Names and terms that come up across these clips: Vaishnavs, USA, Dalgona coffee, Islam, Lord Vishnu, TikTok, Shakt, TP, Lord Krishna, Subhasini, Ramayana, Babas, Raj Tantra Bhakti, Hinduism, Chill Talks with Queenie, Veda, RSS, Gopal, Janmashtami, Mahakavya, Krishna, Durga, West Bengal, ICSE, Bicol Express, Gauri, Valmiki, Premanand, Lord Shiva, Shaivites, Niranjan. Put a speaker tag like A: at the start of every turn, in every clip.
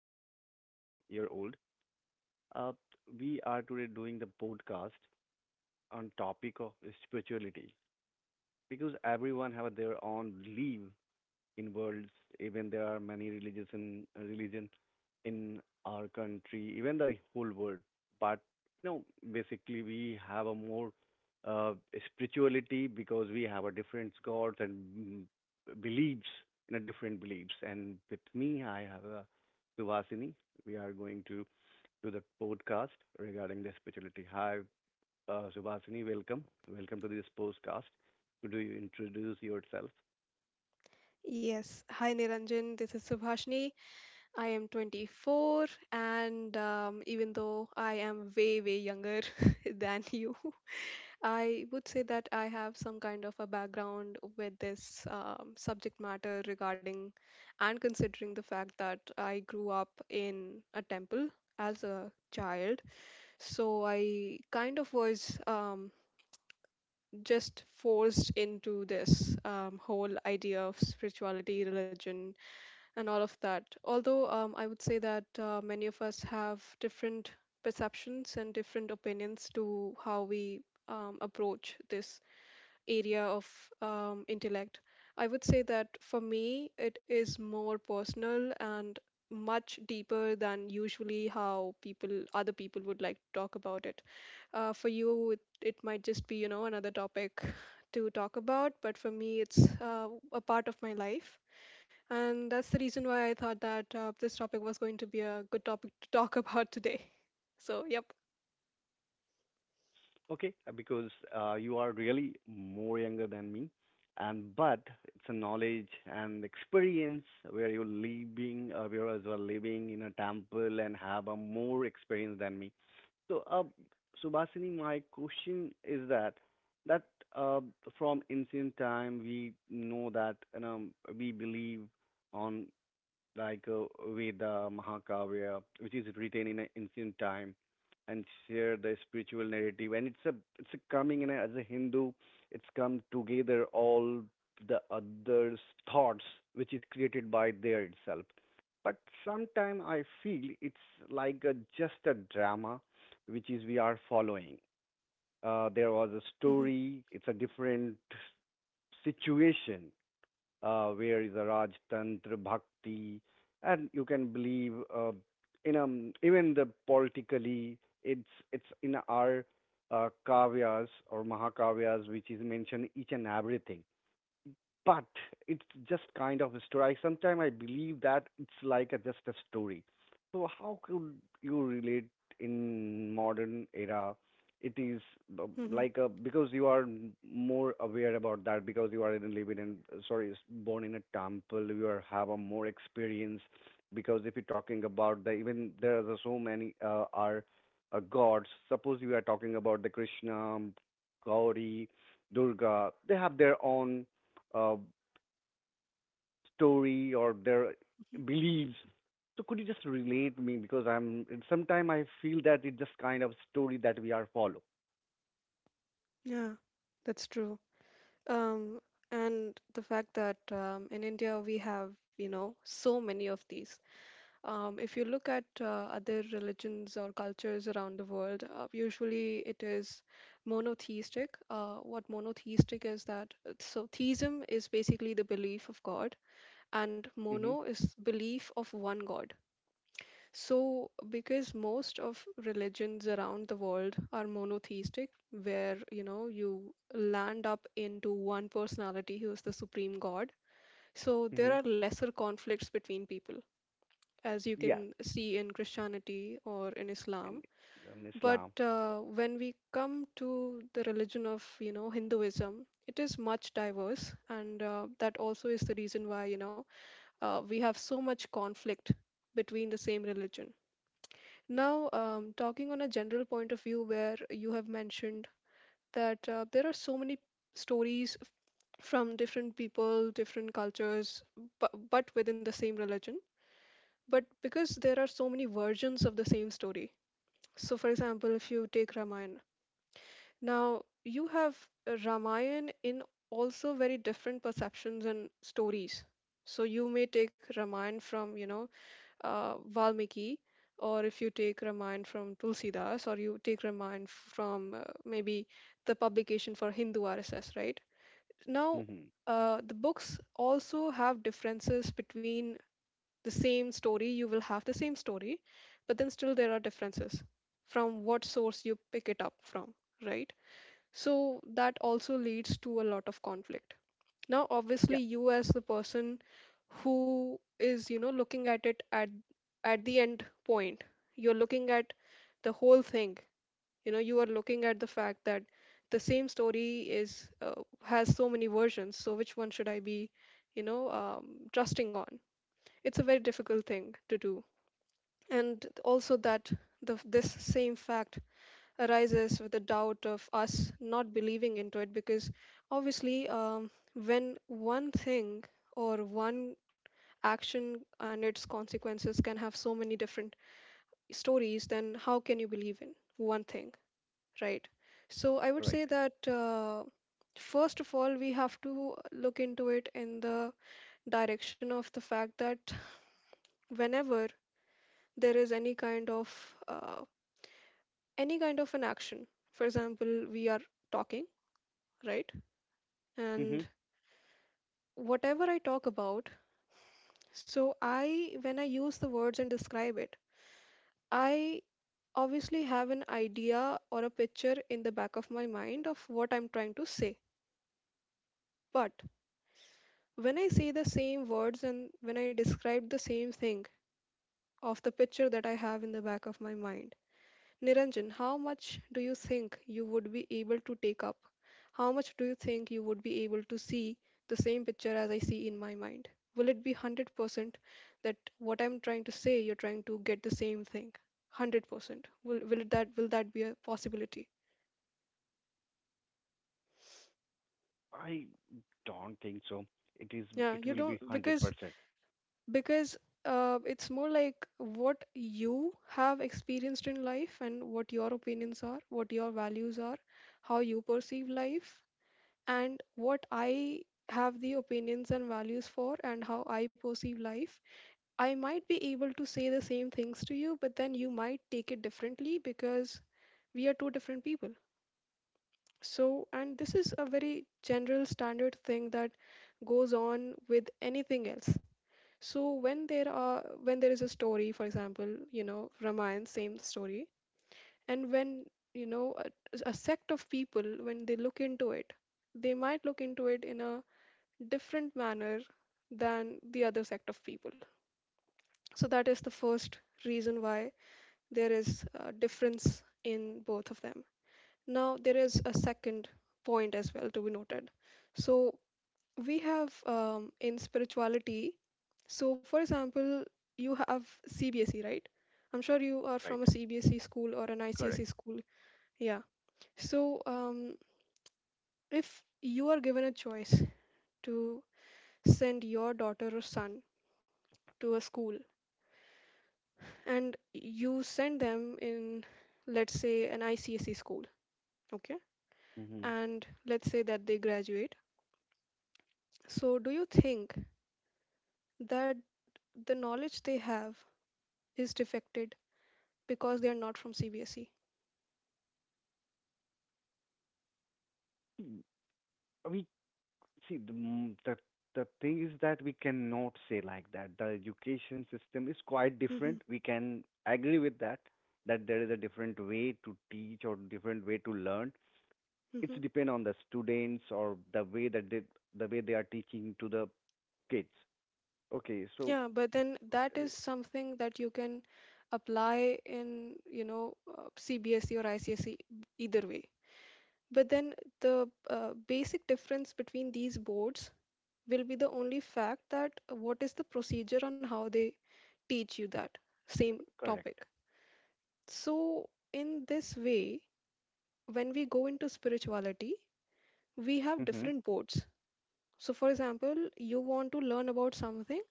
A: 39 year old. Uh, we are today doing the podcast on topic of spirituality because everyone have their own belief in worlds, even there are many religions in religion in our country, even the whole world. But you know basically we have a more uh, spirituality because we have a different gods and beliefs in a different beliefs. And with me I have a Subhasini. We are going to do the podcast regarding the spirituality. Hi, Subhasini, welcome to this podcast. Could you introduce yourself?
B: Yes. Hi, Niranjan. This is Subhashini. I am 24, and even though I am way, way younger than you, I would say that I have some kind of a background with this subject matter regarding and considering the fact that I grew up in a temple as a child. So I kind of was just forced into this whole idea of spirituality, religion, and all of that. Although I would say that many of us have different perceptions and different opinions to how we approach this area of intellect, I would say that for me, it is more personal and much deeper than usually how people other people would like to talk about it. For you, it might just be, you know, another topic to talk about, but for me it's a part of my life, and that's the reason why I thought that this topic was going to be a good topic to talk about today. So, yep.
A: Okay, because you are really more younger than me, and but it's a knowledge and experience where you're living, where as well living in a temple and have a more experience than me. So, Subhasini, my question is that uh, from ancient time we know that we believe on like Veda, Mahakavya, which is written in a ancient time and share the spiritual narrative. And it's a, coming in a, as a Hindu, it's come together all the others' thoughts, which is created by there itself. But sometime I feel it's like a, just a drama, which is we are following. There was a
B: hmm
A: story. It's a different situation where is a Raj Tantra Bhakti, and you can believe in even the politically it's in our kavyas or mahakavyas, which is mentioned each and everything, but it's just kind of a story. Sometimes I believe that it's like a, just a story. So how could you relate in modern era? It is uh,
B: hmm
A: like a, because you are more aware about that, because you are in living in, sorry, is born in a temple. You are have a more experience because if you're talking about the, even there are so many are gods. Suppose you are talking about the Krishna, Gauri, Durga. They have their own uh, story or their
B: hmm
A: beliefs. So could you just relate me, because I'm sometimes I feel that it's just kind of story that we are follow.
B: Yeah, that's true. Um, and the fact that in India we have, you know, so many of these. If you look at other religions or cultures around the world, usually it is monotheistic. What monotheistic is that? So, theism is basically the belief of God, and
A: Mm-hmm.
B: mono is belief of one God. So, because most of religions around the world are monotheistic, where, you know, you land up into one personality who is the supreme god, so there
A: Mm-hmm.
B: are lesser conflicts between people, as you
A: Yes,
B: can see in Christianity or in Islam.
A: and
B: But
A: Islam.
B: when we come to the religion of, you know, Hinduism, it is much diverse, and that also is the reason why, you know, we have so much conflict between the same religion now, talking on a general point of view, where you have mentioned that there are so many stories from different people, different cultures, but, within the same religion. But because there are so many versions of the same story. So, for example, if you take Ramayana, now you have Ramayana in also very different perceptions and stories. So you may take Ramayana from, you know, Valmiki, or if you take Ramayana from Tulsidas, or you take Ramayana from maybe the publication for Hindu RSS, right? Now,
A: Mm-hmm.
B: the books also have differences between the same story. You will have the same story, but then still there are differences from what source you pick it up from, right? So that also leads to a lot of conflict. Now,
A: Yeah,
B: obviously, you, as the person who is, you know, looking at it at the end point, you're looking at the whole thing. You know, you are looking at the fact that the same story is has so many versions. So which one should I be, you know, trusting on? It's a very difficult thing to do, and also that the this same fact arises with the doubt of us not believing into it, because obviously when one thing or one action and its consequences can have so many different stories, then how can you believe in one thing, right? So I would
A: right.
B: say that first of all, we have to look into it in the direction of the fact that whenever there is uh, any kind of an action. For example, we are talking, right?
A: Mm-hmm.
B: And whatever I talk about, so I, when I use the words and describe it, I obviously have an idea or a picture in the back of my mind of what I'm trying to say. But when I say the same words and when I describe the same thing of the picture that I have in the back of my mind, Niranjan, how much do you think you would be able to take up? How much do you think you would be able to see the same picture as I see in my mind? Will it be 100% that what I'm trying to say, you're trying to get the same thing? 100%. Will it, that will that be a possibility?
A: I don't think so. It is.
B: Yeah,
A: It
B: you
A: will be
B: don't
A: hundred
B: because
A: percent.
B: because it's more like what you have experienced in life and what your opinions are, what your values are, how you perceive life, and what I have the opinions and values for and how I perceive life. I might be able to say the same things to you, but then you might take it differently because we are two different people. So, and this is a very general standard thing that goes on with anything else. So when there is a story, for example, you know, Ramayana, same story, and when, you know, a sect of people, when they look into it, they might look into it in a different manner than the other sect of people. So that is the first reason why there is a difference in both of them. Now there is a second point as well to be noted. So we have, in spirituality. So, for example, you have CBSE, right? I'm sure you are from
A: Right.
B: a CBSE school or an
A: Correct.
B: ICSE school. Yeah. So, if you are given a choice to send your daughter or son to a school, and you send them in, let's say, an ICSE school, okay,
A: Mm-hmm.
B: and let's say that they graduate. So do you think that the knowledge they have is defected because they are not from CBSE?
A: See, the, mm, the thing is that we cannot say like that. The education system is quite
B: hmm
A: different. We can agree with that, that there is a different way to teach or different way to learn. It's
B: hmm
A: depend on the students, or the way they are teaching to the kids. Okay, so
B: yeah, but then that
A: uh,
B: is something that you can apply in, you know, CBSE or ICSE, either way. But then the basic difference between these boards will be the only fact that what is the procedure on how they teach you that same
A: correct.
B: topic. So, in this way, when we go into spirituality, we have
A: Mm-hmm.
B: different boards. So, for example, you want to learn about something,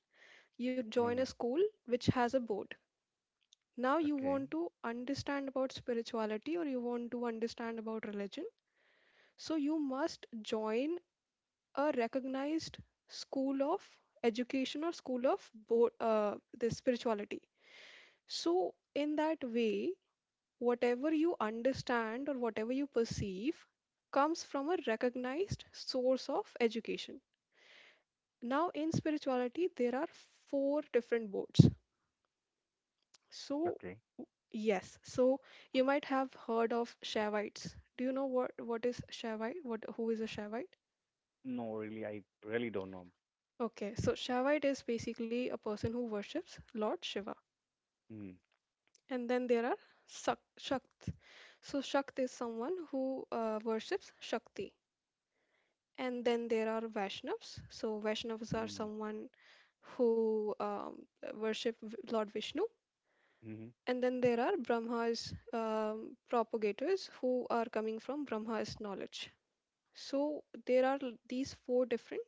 B: you join a
A: Mm-hmm.
B: school which has a board. Now, you
A: Okay.
B: want to understand about spirituality, or you want to understand about religion. So, you must join a recognized school of education or school of board, the spirituality. So, in that way, whatever you understand or whatever you perceive comes from a recognized source of education. Now, in spirituality, there are four different boards. So,
A: Okay.
B: yes, so you might have heard of Shaivites. Do you know what is Shaivite? What Who is a Shaivite?
A: No, really, I really don't know.
B: Okay, so Shaivite is basically a person who worships Lord Shiva.
A: Mm-hmm.
B: And then there are Shakt. So Shakt is someone who worships Shakti. And then there are Vaishnavs. So Vaishnavs are
A: Mm-hmm.
B: someone who worship Lord Vishnu.
A: Mm-hmm.
B: And then there are Brahma's propagators who are coming from Brahma's knowledge. So there are these four different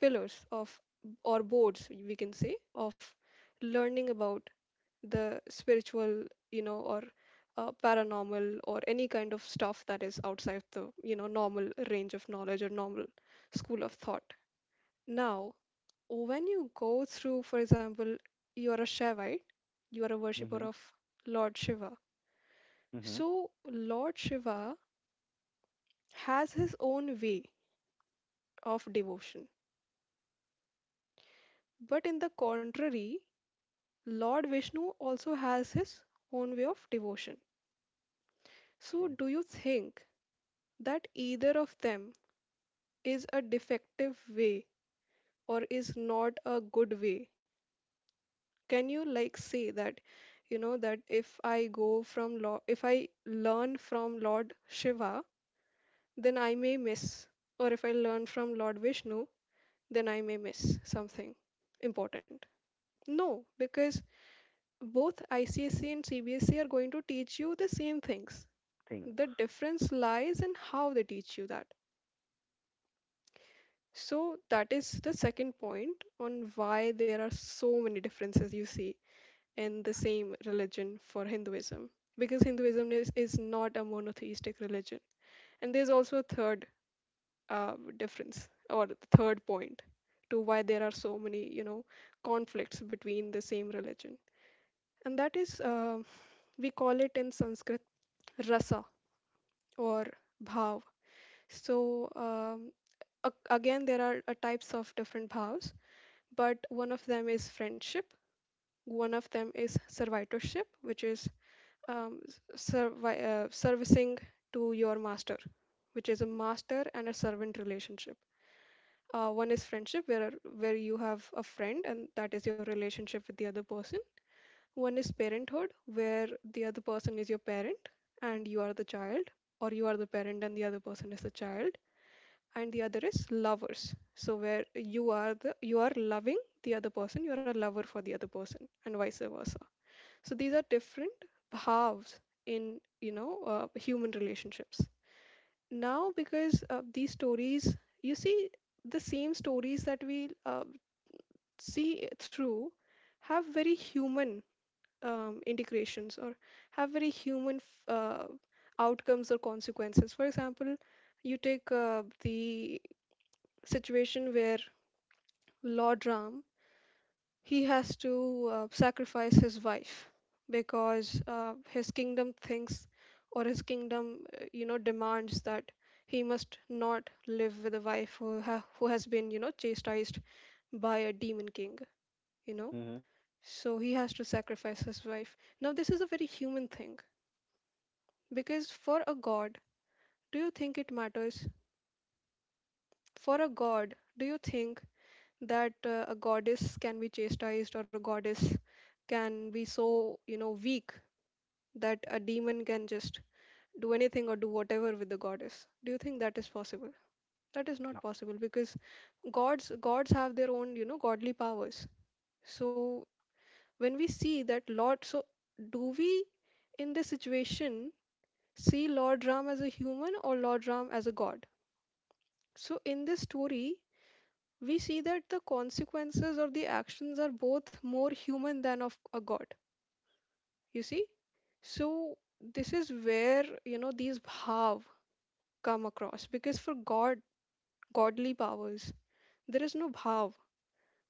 B: pillars of, or boards, we can say, of learning about the spiritual, you know, or paranormal or any kind of stuff that is outside the, you know, normal range of knowledge or normal school of thought. Now, when you go through, for example, you are a Shaivite, you are a worshipper
A: Mm-hmm.
B: of Lord Shiva.
A: Mm-hmm.
B: So, Lord Shiva has his own way of devotion. But in the contrary, Lord Vishnu also has his own way of devotion. So,
A: Okay.
B: do you think that either of them is a defective way or is not a good way? Can you like say that, you know, that if I go from Lord, if I learn from Lord Shiva, then I may miss. Or if I learn from Lord Vishnu, then I may miss something important. No, because both ICSE and CBSE are going to teach you the same things.
A: Things.
B: The difference lies in how they teach you that. So, that is the second point on why there are so many differences you see in the same religion for Hinduism. Because Hinduism is not a monotheistic religion. And there's also a third difference or the third point to why there are so many, you know, conflicts between the same religion, and that is, we call it in Sanskrit rasa or bhav. So um, again, there are types of different bhavs, but one of them is friendship, one of them is servitorship, which is servicing to your master, which is a master and a servant relationship. One is friendship, where you have a friend and that is your relationship with the other person. One is parenthood, where the other person is your parent and you are the child, or you are the parent and the other person is the child. And the other is lovers, so where you are the you are loving the other person, you are a lover for the other person, and vice versa. So these are different halves in, you know, human relationships. Now, because these stories, you see the same stories that we see through have very human integrations or have very human outcomes or consequences. For example, you take the situation where Lord Ram he has to sacrifice his wife because his kingdom thinks or his kingdom demands that he must not live with a wife who who has been chastised by a demon king you know
A: Mm-hmm.
B: So he has to sacrifice his wife. Now, this is a very human thing because for a god, do you think it matters? For a god, do you think that a goddess can be chastised or a goddess can be so, you know, weak that a demon can just do anything or do whatever with the goddess? Do you think that is possible? That is not
A: No.
B: possible because gods have their own, you know, godly powers. So when we see that Lord, do we in this situation see Lord Ram as a human or Lord Ram as a god. So, in this story, we see that the consequences of the actions are both more human than of a god. You see? So, this is where, you know, these bhav come across because for God, godly powers, there is no bhav.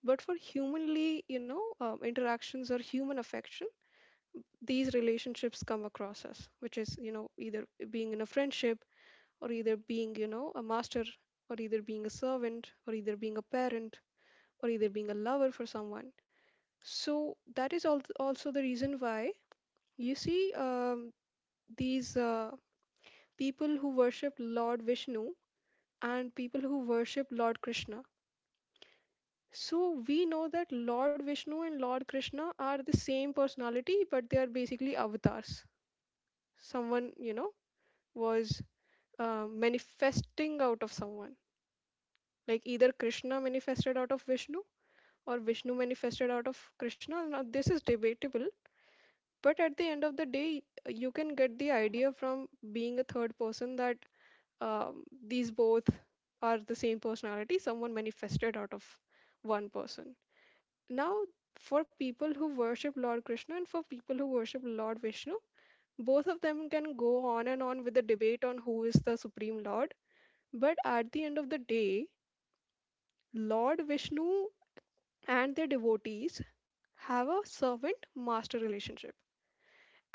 B: But for humanly, you know, interactions or human affection, these relationships come across us, which is, you know, either being in a friendship or either being, you know, a master, or either being a servant, or either being a parent, or either being a lover for someone. So that is also the reason why you see these people who worship Lord Vishnu and people who worship Lord Krishna. So we know that Lord Vishnu and Lord Krishna are the same personality, but they are basically avatars. Someone, you know, was manifesting out of someone. Like either Krishna manifested out of Vishnu or Vishnu manifested out of Krishna. Now, this is debatable, but at the end of the day, you can get the idea from being a third person that these both are the same personality, someone manifested out of one person. Now, for people who worship Lord Krishna and for people who worship Lord Vishnu, both of them can go on and on with the debate on who is the supreme lord. But at the end of the day, Lord Vishnu and their devotees have a servant master relationship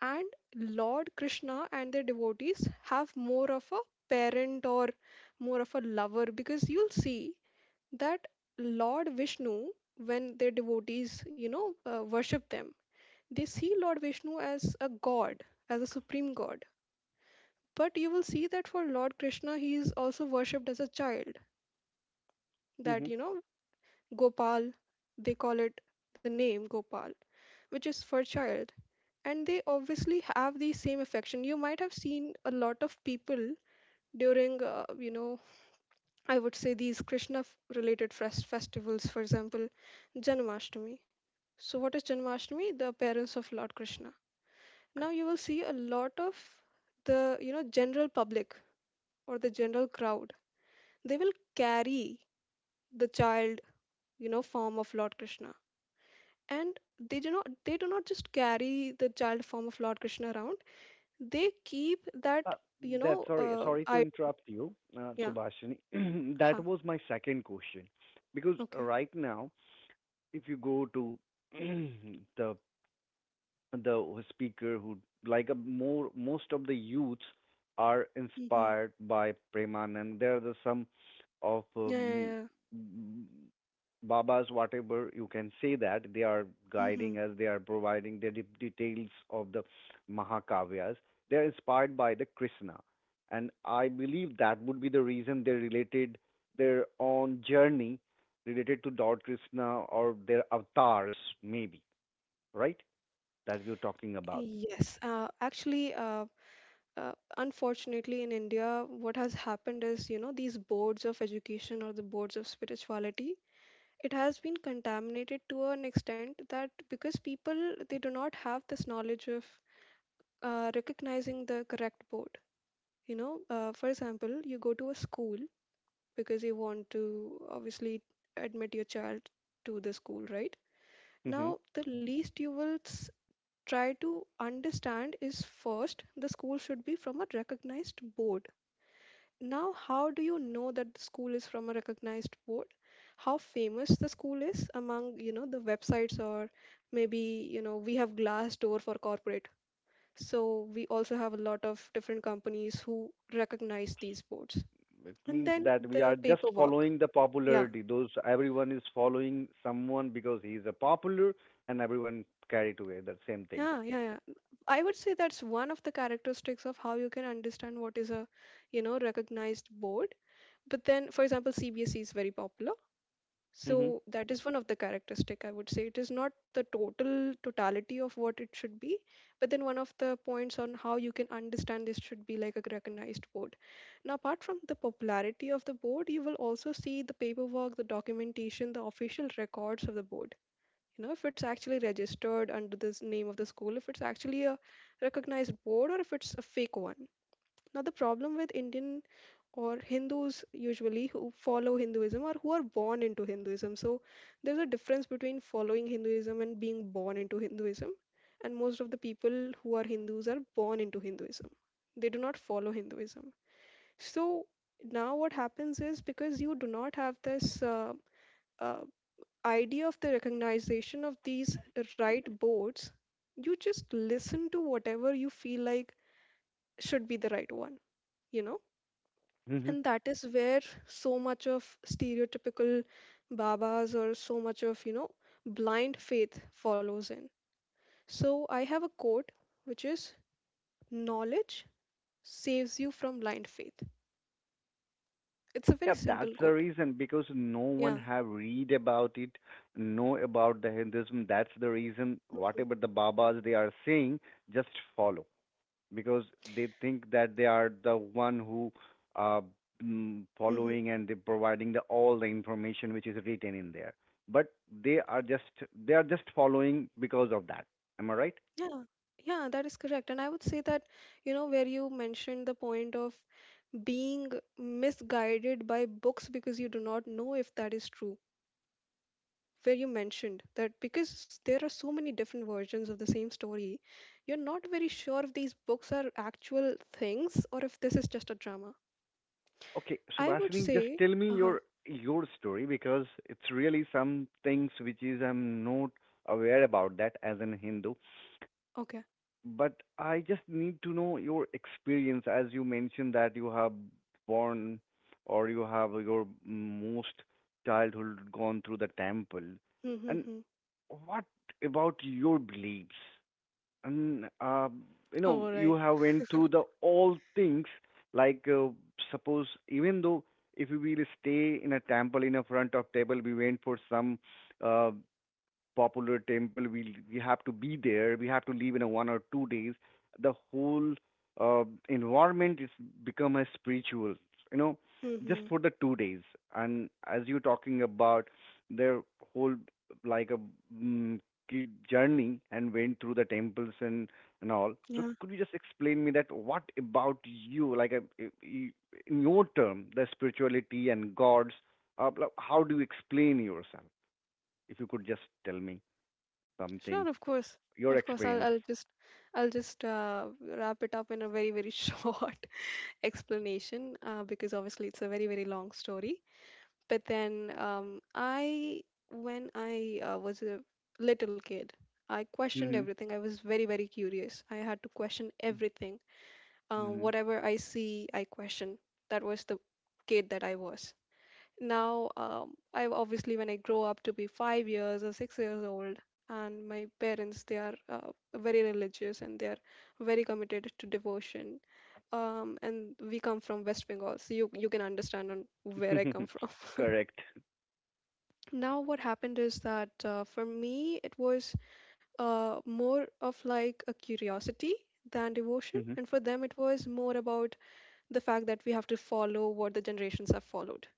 B: and Lord Krishna and their devotees have more of a parent or more of a lover because you'll see that Lord Vishnu when their devotees worship them, they see Lord Vishnu as a god, as a supreme god. But you will see that for Lord Krishna, he is also worshipped as a child.
A: Mm-hmm.
B: That, you know, Gopal they call it, the name Gopal, which is for child. And they obviously have the same affection. You might have seen a lot of people during I would say these Krishna festivals, for example, Janmashtami. So what is Janmashtami? The appearance of Lord Krishna. Now you will see a lot of the, you know, general public or the general crowd, they will carry the child, you know, form of Lord Krishna. And they do not just carry the child form of Lord Krishna around, they keep that
A: Uh, That's, sorry to
B: I
A: interrupt you,
B: yeah
A: Subhashini.
B: huh
A: That was my second question. Because
B: okay.
A: right now, if you go to the the speaker who, like a, more most of the youths are
B: Mm-hmm.
A: inspired by Premanand. There are the some of
B: Yeah, yeah,
A: Babas, whatever you can say that they are
B: yeah. Mm-hmm.
A: guiding us, they are providing the details of the Mahakavyas. They are inspired by the Krishna, and I believe that would be the reason they related their own journey related to Lord Krishna or their avatars, maybe, right? That you're talking about.
B: Yes, actually, uh, unfortunately, in India, what has happened is, you know, these boards of education or the boards of spirituality, it has been contaminated to an extent that because people, they do not have this knowledge of recognizing the correct board. You know, for example, you go to a school because you want to obviously admit your child to the school, right?
A: Hmm.
B: Now, the least you will try to understand is first, the school should be from a recognized board. Now, how do you know that the school is from a recognized board? How famous the school is among, you know, the websites or maybe, you know, we have Glassdoor for corporate. So we also have a lot of different companies who recognize these boards.
A: It
B: And
A: means
B: then
A: that we are
B: the
A: just
B: paperwork.
A: following the
B: Yeah,
A: popularity. Those, everyone is following someone because he is a popular, and everyone carry together same thing.
B: yeah, yeah, yeah. I would say that's one of the characteristics of how you can understand what is a, you know, recognized board. But then, for example, CBSE is very popular.
A: Hmm.
B: So that is one of the characteristic I would say. It is not the totality of what it should be, but then one of the points on how you can understand this should be like a recognized board. Now, apart from the popularity of the board, you will also see the paperwork, the documentation, the official records of the board, you know, if it's actually registered under this name of the school, if it's actually a recognized board or if it's a fake one. Now the problem with Indian or Hindus usually who follow Hinduism or who are born into Hinduism, so there's a difference between following Hinduism and being born into Hinduism. And most of the people who are Hindus are born into Hinduism, they do not follow Hinduism. So now what happens is because you do not have this uh, idea of the recognition of these right boards, you just listen to whatever you feel like should be the right one, you know?
A: Hmm.
B: And that is where so much of stereotypical babas or so much of, you know, blind faith follows in. So I have a quote which is knowledge saves you from blind faith. It's a
A: Yeah,
B: very
A: that's
B: simple
A: the
B: quote.
A: reason, because no one
B: Yeah.
A: have read about it, know about the Hinduism. That's the reason.
B: Hmm.
A: Whatever the Babas they are saying, just follow. Because they think that they are the one who uh,
B: Hmm.
A: following and they providing the all the information which is written in there, but they are just following because of that. Am I right?
B: Yeah. Yeah, that is correct. And I would say that, you know, where you mentioned the point of being misguided by books because you do not know if that is true. Where you mentioned that because there are so many different versions of the same story, you're not very sure if these books are actual things or if this is just a drama.
A: Okay,
B: I would
A: Subhasini, just
B: say,
A: tell me
B: uh
A: your
B: huh,
A: your story, because it's really some things which is I'm not aware about that as an Hindu.
B: okay.
A: But I just need to know your experience, as you mentioned that you have born, or you have your most childhood gone through the temple. And
B: Mm-hmm.
A: what about your beliefs? And
B: All
A: you
B: right.
A: have went through the all things. Like suppose, even though if we will stay in a temple, in a front of table, we went for some uh, popular temple. We have to be there. We have to leave in a 1 or 2 days. The whole uh, environment is become a spiritual. You know, just
B: Mm-hmm.
A: for the 2 days. And as you're talking about their whole, like a mm, kid journey and went through the temples and all. So
B: Yeah,
A: could you just explain me that what about you, in your term, the spirituality and gods? Like, how do you explain yourself? If you could just tell me
B: sure,
A: something,
B: of course.
A: your
B: Of course,
A: experience.
B: I'll just I'll just wrap it up in a very, very short explanation because obviously it's a very, very long story. But then when I was a little kid, I questioned
A: Mm-hmm.
B: everything. I was very, very curious. I had to question everything.
A: Mm-hmm.
B: Whatever I see, I question. That was the kid that I was. Now, I obviously, when I grow up to be 5 years or 6 years old, and my parents, they are very religious and they are very committed to devotion. And we come from West Bengal, so you can understand on where I come from.
A: Correct.
B: Now, what happened is that for me, it was more of like a curiosity than devotion.
A: Mm-hmm.
B: And for them, it was more about the fact that we have to follow what the generations have followed.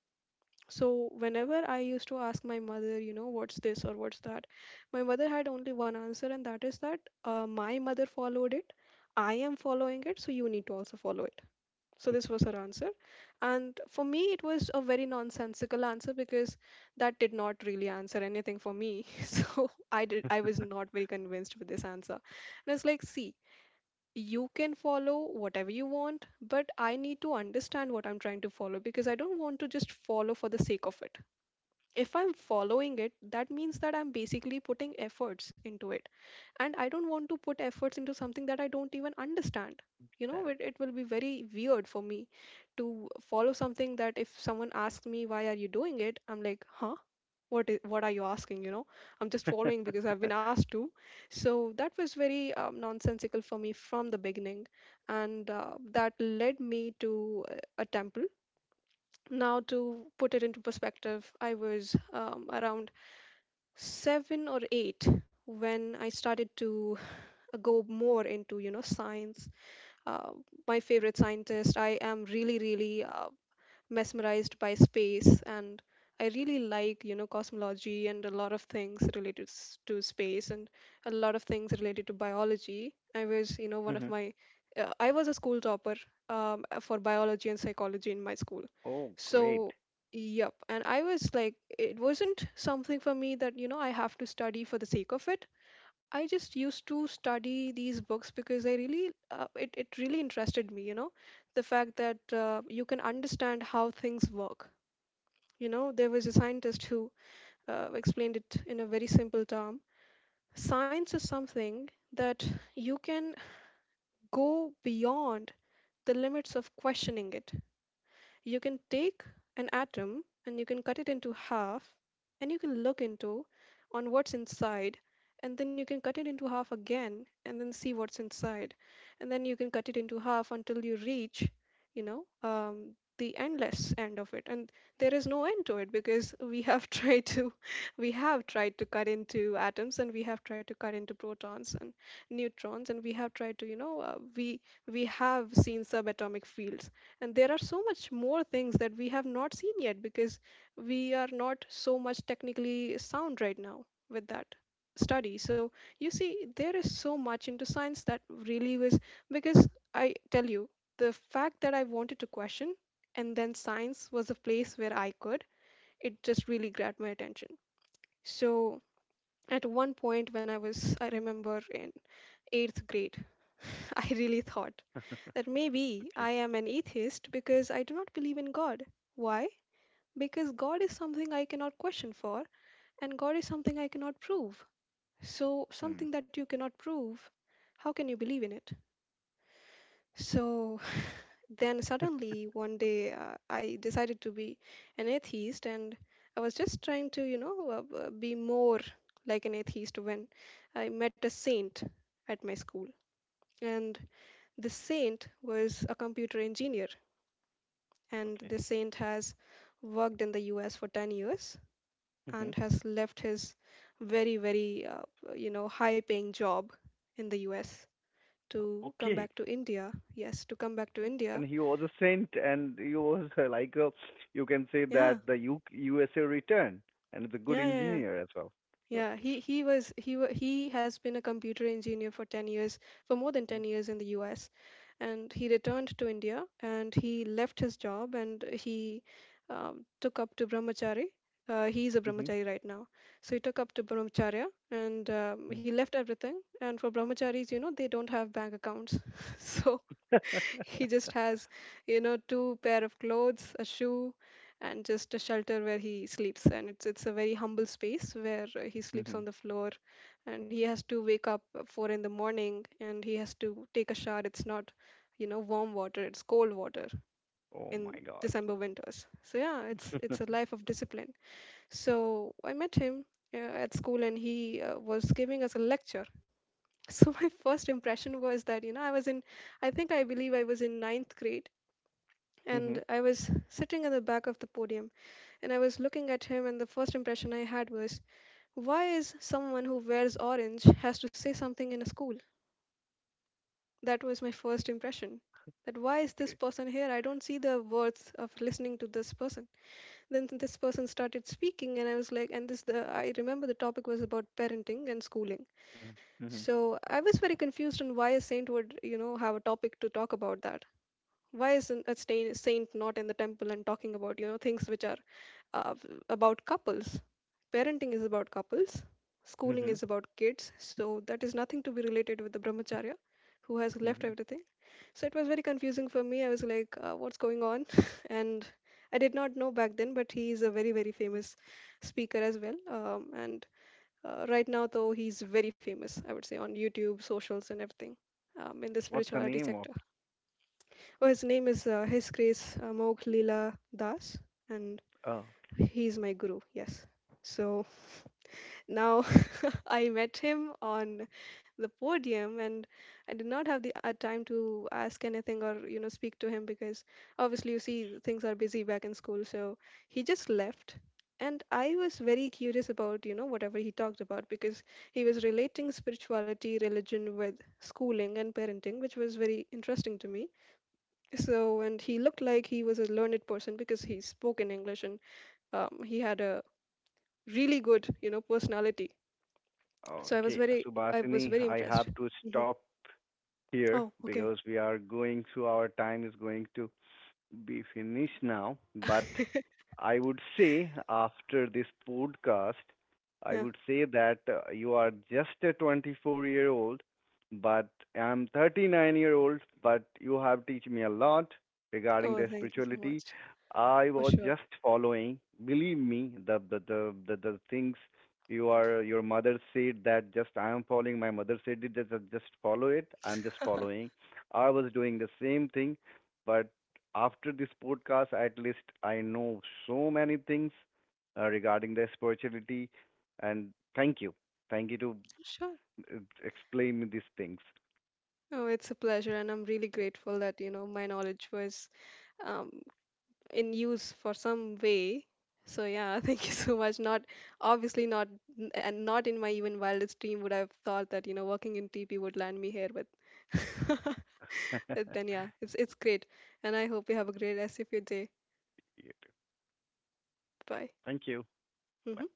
B: So, whenever I used to ask my mother, you know, what's this or what's that, my mother had only one answer, and that is that my mother followed it. I am following it, so you need to also follow it. So this was her answer. And for me, it was a very nonsensical answer because that did not really answer anything for me. So I was not very convinced with this answer. And it's like, see, you can follow whatever you want, but I need to understand what I'm trying to follow because I don't want to just follow for the sake of it. If I'm following it, that means that I'm basically putting efforts into it, and I don't want to put efforts into something that I don't even understand. you know
A: Then.
B: it, it will be very weird for me to follow something that if someone asks me, why are you doing it? I'm like, huh, what are you asking? I'm just following because I've been asked to. So that was very nonsensical for me from the beginning. And that led me to a temple. Now, to put it into perspective, I was around 7 or 8 when I started to go more into science. uh, my favorite scientist, I am really really mesmerized by space, and I really like, cosmology and a lot of things related to space, and a lot of things related to biology. I was, you know one of
A: Mm-hmm.
B: my I was a school topper, for biology and psychology in my school.
A: Oh, great.
B: So, yep, and I was like, it wasn't something for me that, I have to study for the sake of it. I just used to study these books because I really it really interested me, the fact that you can understand how things work. There was a scientist who explained it in a very simple term. Science is something that you can go beyond the limits of questioning it. You can take an atom and you can cut it into half, and you can look into on what's inside. And then you can cut it into half again and then see what's inside. And then you can cut it into half until you reach, you know um, the endless end of it. And there is no end to it because we have tried to cut into atoms, and we have tried to cut into protons and neutrons, and we have tried to, we have seen subatomic fields. And there are so much more things that we have not seen yet because we are not so much technically sound right now with that study. So you see, there is so much into science that really was, because I tell you, the fact that I wanted to question, and then science was a place where I could, it just really grabbed my attention. So at one point when I was, I remember in 8th grade, I really thought that maybe
A: Okay.
B: I am an atheist because I do not believe in God. Why? Because God is something I cannot question for, and God is something I cannot prove. So,
A: Mm.
B: something that you cannot prove, how can you believe in it? So, then suddenly one day I decided to be an atheist, and I was just trying to, be more like an atheist when I met a saint at my school. And the saint was a computer engineer, and
A: Okay.
B: this saint has worked in the US for 10 years
A: Mm-hmm.
B: and has left his very, very, high paying job in the US to come
A: Okay.
B: back to India. Yes, to come back to India.
A: And he was a saint, and he was like a, you can say
B: Yeah,
A: that the USA return, and is a good
B: yeah, yeah, yeah.
A: engineer as well.
B: Yeah, he was he wa he has been a computer engineer for 10 years, for more than 10 years in the US. And he returned to India and he left his job and he took up to brahmachari. He is a
A: Mm-hmm.
B: brahmachari right now. So he took up to brahmacharya and he left everything. And for brahmacharis, they don't have bank accounts. So he
A: Mm-hmm.
B: just has, two pair of clothes, a shoe, and just a shelter where he sleeps. And it's a very humble space where he sleeps on the floor, and he has to wake up at 4 in the morning, and he has to take a shower. It's not, warm water; it's cold water
A: Oh my
B: in
A: God.
B: December winters. So yeah, it's a life of discipline. So I met him uh, at school, and he was giving us a lecture. So my first impression was that, I think, I believe I was in ninth grade,
A: Mm-hmm.
B: and I was sitting at the back of the podium, and I was looking at him, and the first impression I had was, why is someone who wears orange has to say something in a school? That was my first impression. That, why is this
A: Okay.
B: person here? I don't see the worth of listening to this person. Then this person started speaking, and I was like, and this the I remember the topic was about parenting and schooling.
A: Mm-hmm. Mm-hmm.
B: So I was very confused on why a saint would, have a topic to talk about that. Why isn't a saint not in the temple and talking about, things which are uh, about couples. Parenting is about couples, schooling is about kids, so that is nothing to be related with the brahmacharya who has left
A: Mm-hmm.
B: everything. So it was very confusing for me. I was like, what's going on? And I did not know back then, but he is a very, very famous speaker as well. And right now, though, he's very famous, I would say, on YouTube, socials, and everything, in the
A: What's the
B: spirituality
A: name
B: sector.
A: of?
B: Oh, his name is His Grace Mogh Leela Das, and
A: Oh,
B: he's my guru, yes. So. Now, I met him on the podium, and I did not have the time to ask anything or speak to him because, obviously you see, things are busy back in school, so he just left. And I was very curious about, whatever he talked about, because he was relating spirituality religion with schooling and parenting, which was very interesting to me. So, and he looked like he was a learned person because he spoke in English and, he had a really good, personality. So
A: okay.
B: I was
A: Subhasini,
B: very
A: I
B: impressed.
A: have to
B: Hmm.
A: stop here
B: Oh, okay.
A: because we are going to our time is going to be finished now. But I would say after this podcast, I
B: Yeah.
A: would say that you are just a 24-year-old, but I'm 39 year old, but you have teach me a lot regarding
B: Oh,
A: the
B: thank you so
A: spirituality.
B: much.
A: I
B: For
A: was
B: sure.
A: just following, believe me, the things. You are, your mother said that just, I am following. My mother said it, just follow it. I'm just following. I was doing the same thing. But after this podcast at least I know so many things regarding the spirituality. And thank you, thank you to
B: Sure.
A: uh, explain me these things.
B: Oh, it's a pleasure, and I'm really grateful that, my knowledge was, um, in use for some way. So yeah, thank you so much. Not obviously not, and not in my even wildest dream would I have thought that, working in TP would land me here. But but then yeah, it's great, and I hope you have a great rest of your day.
A: Yeah,
B: Bye.
A: thank you
B: Mhm.